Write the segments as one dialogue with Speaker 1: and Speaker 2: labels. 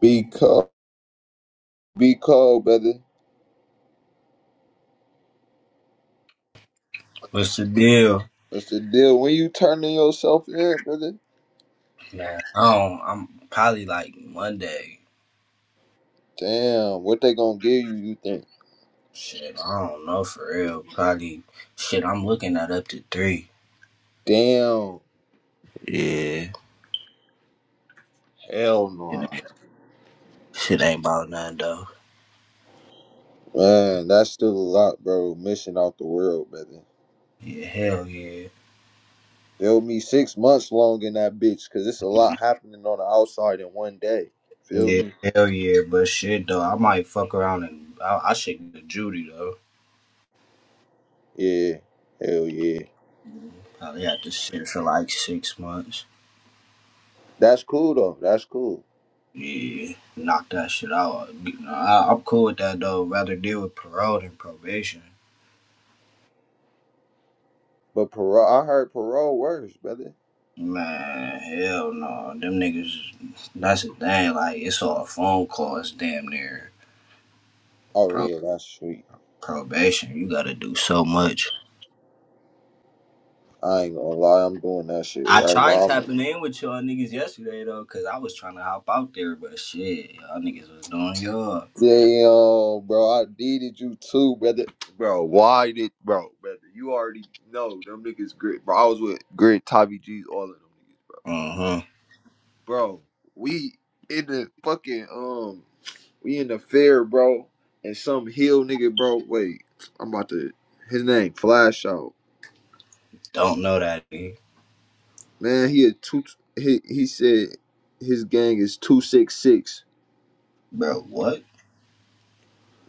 Speaker 1: Be cold. Be cold, brother.
Speaker 2: What's the deal?
Speaker 1: What's the deal? When you turning yourself in, brother?
Speaker 2: Man, I don't, I'm probably like Monday.
Speaker 1: Damn, what they gonna give you, you think?
Speaker 2: Shit, I don't know for real. Probably, shit, I'm looking at up to three.
Speaker 1: Damn.
Speaker 2: Yeah.
Speaker 1: Hell no.
Speaker 2: Shit ain't about nothing though.
Speaker 1: Man, that's still a lot, bro. Missing out the world, brother.
Speaker 2: Yeah, hell yeah.
Speaker 1: Feel me? Six months long in that bitch, cause it's a lot happening on the outside in one day. Feel
Speaker 2: Yeah,
Speaker 1: me?
Speaker 2: hell yeah. But shit though, I might fuck around and I, I should get to Judy though.
Speaker 1: Yeah. Hell yeah.
Speaker 2: Probably had to shit for like six months.
Speaker 1: That's cool though. That's cool.
Speaker 2: Yeah, knock that shit out. Nah, I, I'm cool with that though. Rather deal with parole than probation.
Speaker 1: But parole I heard parole worse, brother.
Speaker 2: Man, hell no. Them niggas, that's the thing. Like, it's all phone calls, damn near.
Speaker 1: Oh
Speaker 2: Pro-
Speaker 1: yeah, that's sweet.
Speaker 2: probation, you gotta do so much.
Speaker 1: I ain't gonna lie, I'm doing that shit
Speaker 2: I
Speaker 1: right
Speaker 2: tried
Speaker 1: now. I'm gonna
Speaker 2: tapping in with y'all niggas yesterday, though, because I was trying to hop out there, but shit, y'all niggas was doing y'all.
Speaker 1: Damn, bro, I needed you too, brother. Bro, why did bro, brother? You already know them niggas grit, bro. I was with grit, Tommy G's, all of them niggas, bro.
Speaker 2: Uh huh.
Speaker 1: Bro, we in the fucking um, we in the fair, bro, and some hill nigga, bro. Wait, I'm about to his name Flash out,
Speaker 2: Don't know that, dude.
Speaker 1: man. He a two. He he said his gang is two six six.
Speaker 2: Bro, what?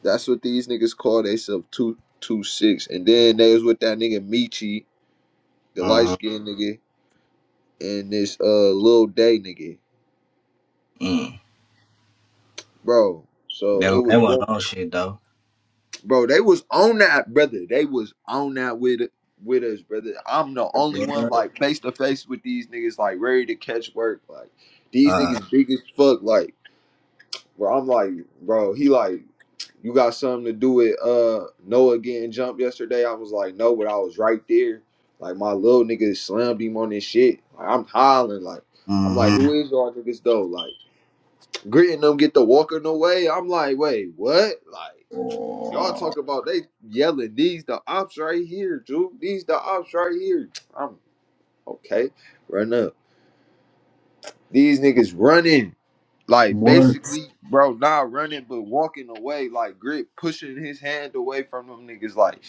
Speaker 1: That's what these niggas call themselves two two six. And then they was with that nigga Michi the
Speaker 2: Uh
Speaker 1: light
Speaker 2: huh.
Speaker 1: skinned nigga. and this uh little day nigga,
Speaker 2: Mm.
Speaker 1: bro. So it
Speaker 2: That, that
Speaker 1: was them,
Speaker 2: wasn't no shit, though.
Speaker 1: bro. They was on that, brother. They was on that with with us, brother. I'm the only
Speaker 2: What?
Speaker 1: one like face to face with these niggas, like ready to catch work. Like these
Speaker 2: Uh,
Speaker 1: niggas big as fuck. Like, bro, I'm like, bro. He like, you got something to do with uh Noah getting jumped yesterday? I was like, no, but I was right there. Like my little nigga slammed him on his shit. Like, I'm hollering. Like I'm like,
Speaker 2: mm
Speaker 1: who is y'all niggas though? Like. Gritting them get to walking away. I'm like, wait, what? Like, y'all
Speaker 2: hmm.
Speaker 1: talk about they yelling, these the ops right here, dude. These the ops right here. I'm okay. Run up. These niggas running. Like
Speaker 2: what?
Speaker 1: basically, bro, not running but walking away, like grit pushing his hand away from them niggas. Like,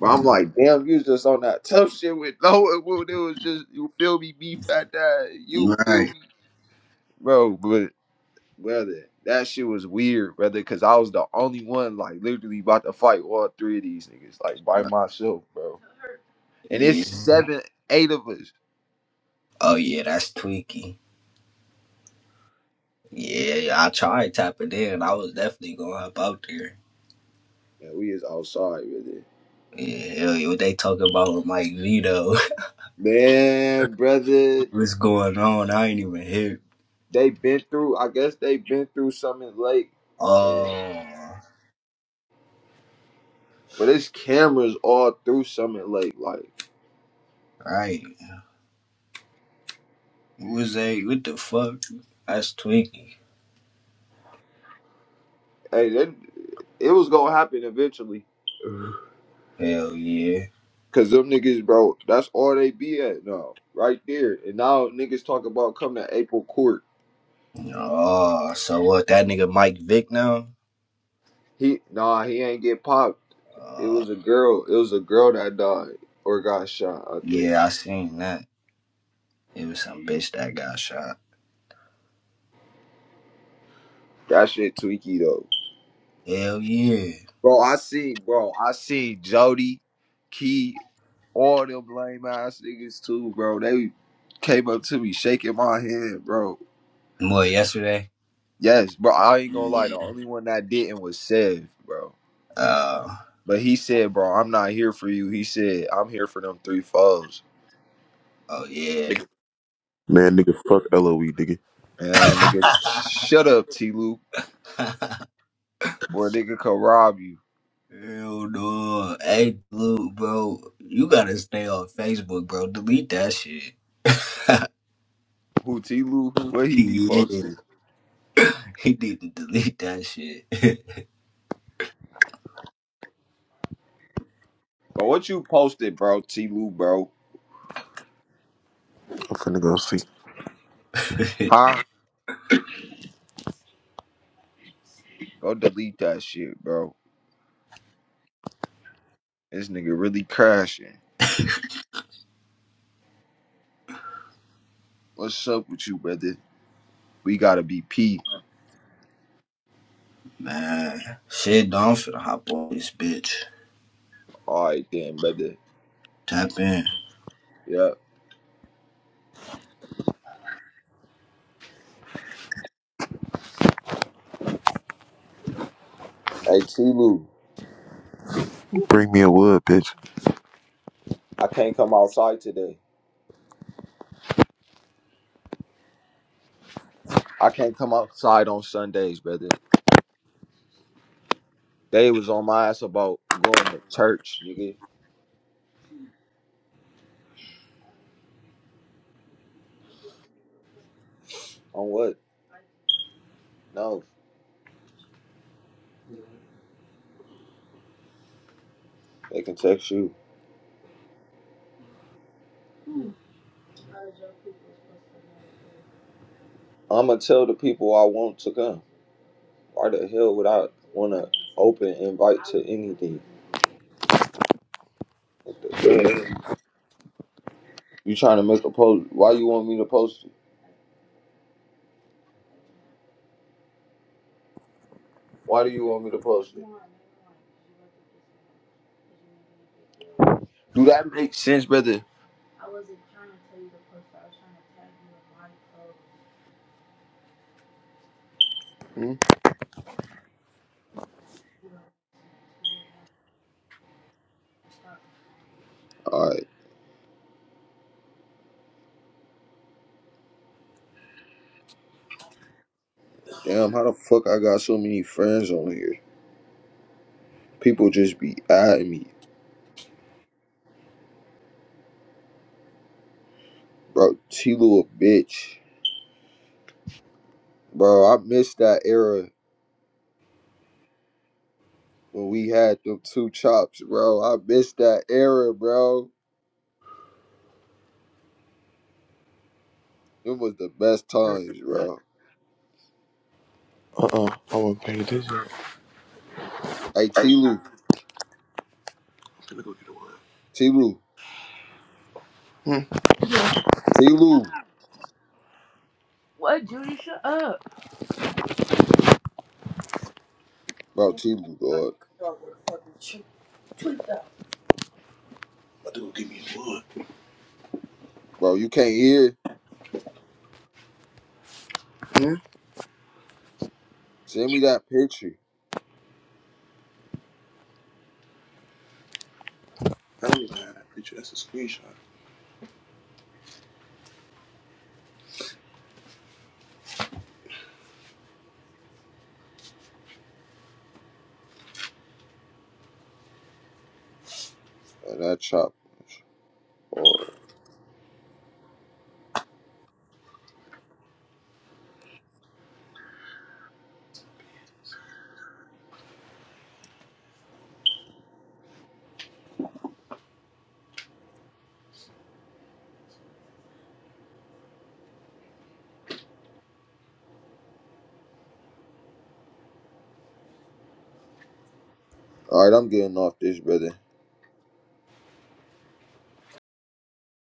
Speaker 1: but I'm like, damn, you was just on that tough shit with no, it was just you feel me, beef at that, you feel
Speaker 2: Right.
Speaker 1: me, bro. but. Brother, that shit was weird, brother, because I was the only one, like, literally about to fight all three of these niggas, like, by myself, bro. And it's
Speaker 2: Yeah.
Speaker 1: seven, eight of us.
Speaker 2: Oh, yeah, that's tweaky. Yeah, I tried tapping in. I was definitely gonna hop out there.
Speaker 1: Man, we is outside, brother.
Speaker 2: Yeah, hell yeah, what they talking about with Mike Vito?
Speaker 1: Man, brother,
Speaker 2: What's going on? I ain't even here.
Speaker 1: they been through, I guess they been through Summit Lake. And,
Speaker 2: Oh,
Speaker 1: but it's cameras all through Summit Lake. Like,
Speaker 2: right. Who was that? What the fuck? That's Twinkie.
Speaker 1: hey, that, it was going to happen eventually.
Speaker 2: Hell yeah.
Speaker 1: Cause them niggas, bro, that's all they be at now, right there. And now niggas talk about coming to April court.
Speaker 2: Oh, so what? That nigga Mike Vick now?
Speaker 1: He nah, he ain't get popped. It
Speaker 2: Uh,
Speaker 1: was a girl. It was a girl that died or got shot. I think
Speaker 2: yeah, I seen that. It was some bitch that got shot.
Speaker 1: that shit tweaky though.
Speaker 2: Hell yeah.
Speaker 1: Bro, I see, bro, I see Jody, Key, all them lame ass niggas too, bro. They came up to me shaking my hand, bro.
Speaker 2: What yesterday?
Speaker 1: Yes, bro. I ain't gonna lie. The
Speaker 2: Yeah.
Speaker 1: only one that didn't was Sev, bro.
Speaker 2: Uh,
Speaker 1: But he said, bro, I'm not here for you. He said, I'm here for them three foes.
Speaker 2: oh yeah.
Speaker 3: Nigga. Man, nigga, fuck LOE, nigga.
Speaker 1: And nigga, shut up, T Loop, or a nigga could rob you.
Speaker 2: Hell no. Hey, Blue, bro, you gotta stay on Facebook, bro. Delete that shit.
Speaker 1: Who T Lou? Where he be
Speaker 2: Yeah,
Speaker 1: posted?
Speaker 2: he need to delete that shit.
Speaker 1: But what you posted, bro, T Lou, bro?
Speaker 3: I'm finna go see.
Speaker 1: Huh? Go delete that shit, bro. This nigga really crashing. What's up with you, brother? We gotta be P.
Speaker 2: Man, shit, Don finna hop on this bitch.
Speaker 1: Alright then, brother.
Speaker 2: Tap in.
Speaker 1: Yeah. Hey T Lou,
Speaker 3: Bring me a wood, bitch.
Speaker 1: I can't come outside today. I can't come outside on Sundays, brother. They was on my ass about going to church, nigga. On what? No. They can text you. I'ma tell the people I want to come. Why the hell would I want to open invite to anything? What the hell? You trying to make a post? Why you want me to post it? Why do you want me to post it? Do that make sense, brother?
Speaker 3: Hmm?
Speaker 1: All right, damn. How the fuck I got so many friends on here? People just be adding me, bro. T Lou a bitch, bro. I miss that era when we had them two chops, bro. I miss that era, bro. It was the best times, bro.
Speaker 3: Uh uh I wasn't paying attention. I'm
Speaker 1: Hey, T Lou,
Speaker 3: finna go get a wood.
Speaker 1: T Lou. T Lou,
Speaker 3: What, Judy? Shut up.
Speaker 1: bro, T Lou, dog.
Speaker 3: I'm My go get me a wood.
Speaker 1: Bro, you can't hear.
Speaker 3: Hmm?
Speaker 1: Send me that picture
Speaker 3: I don't even have that picture. That's a screenshot.
Speaker 1: and that chop. Or, all right, I'm getting off this, brother.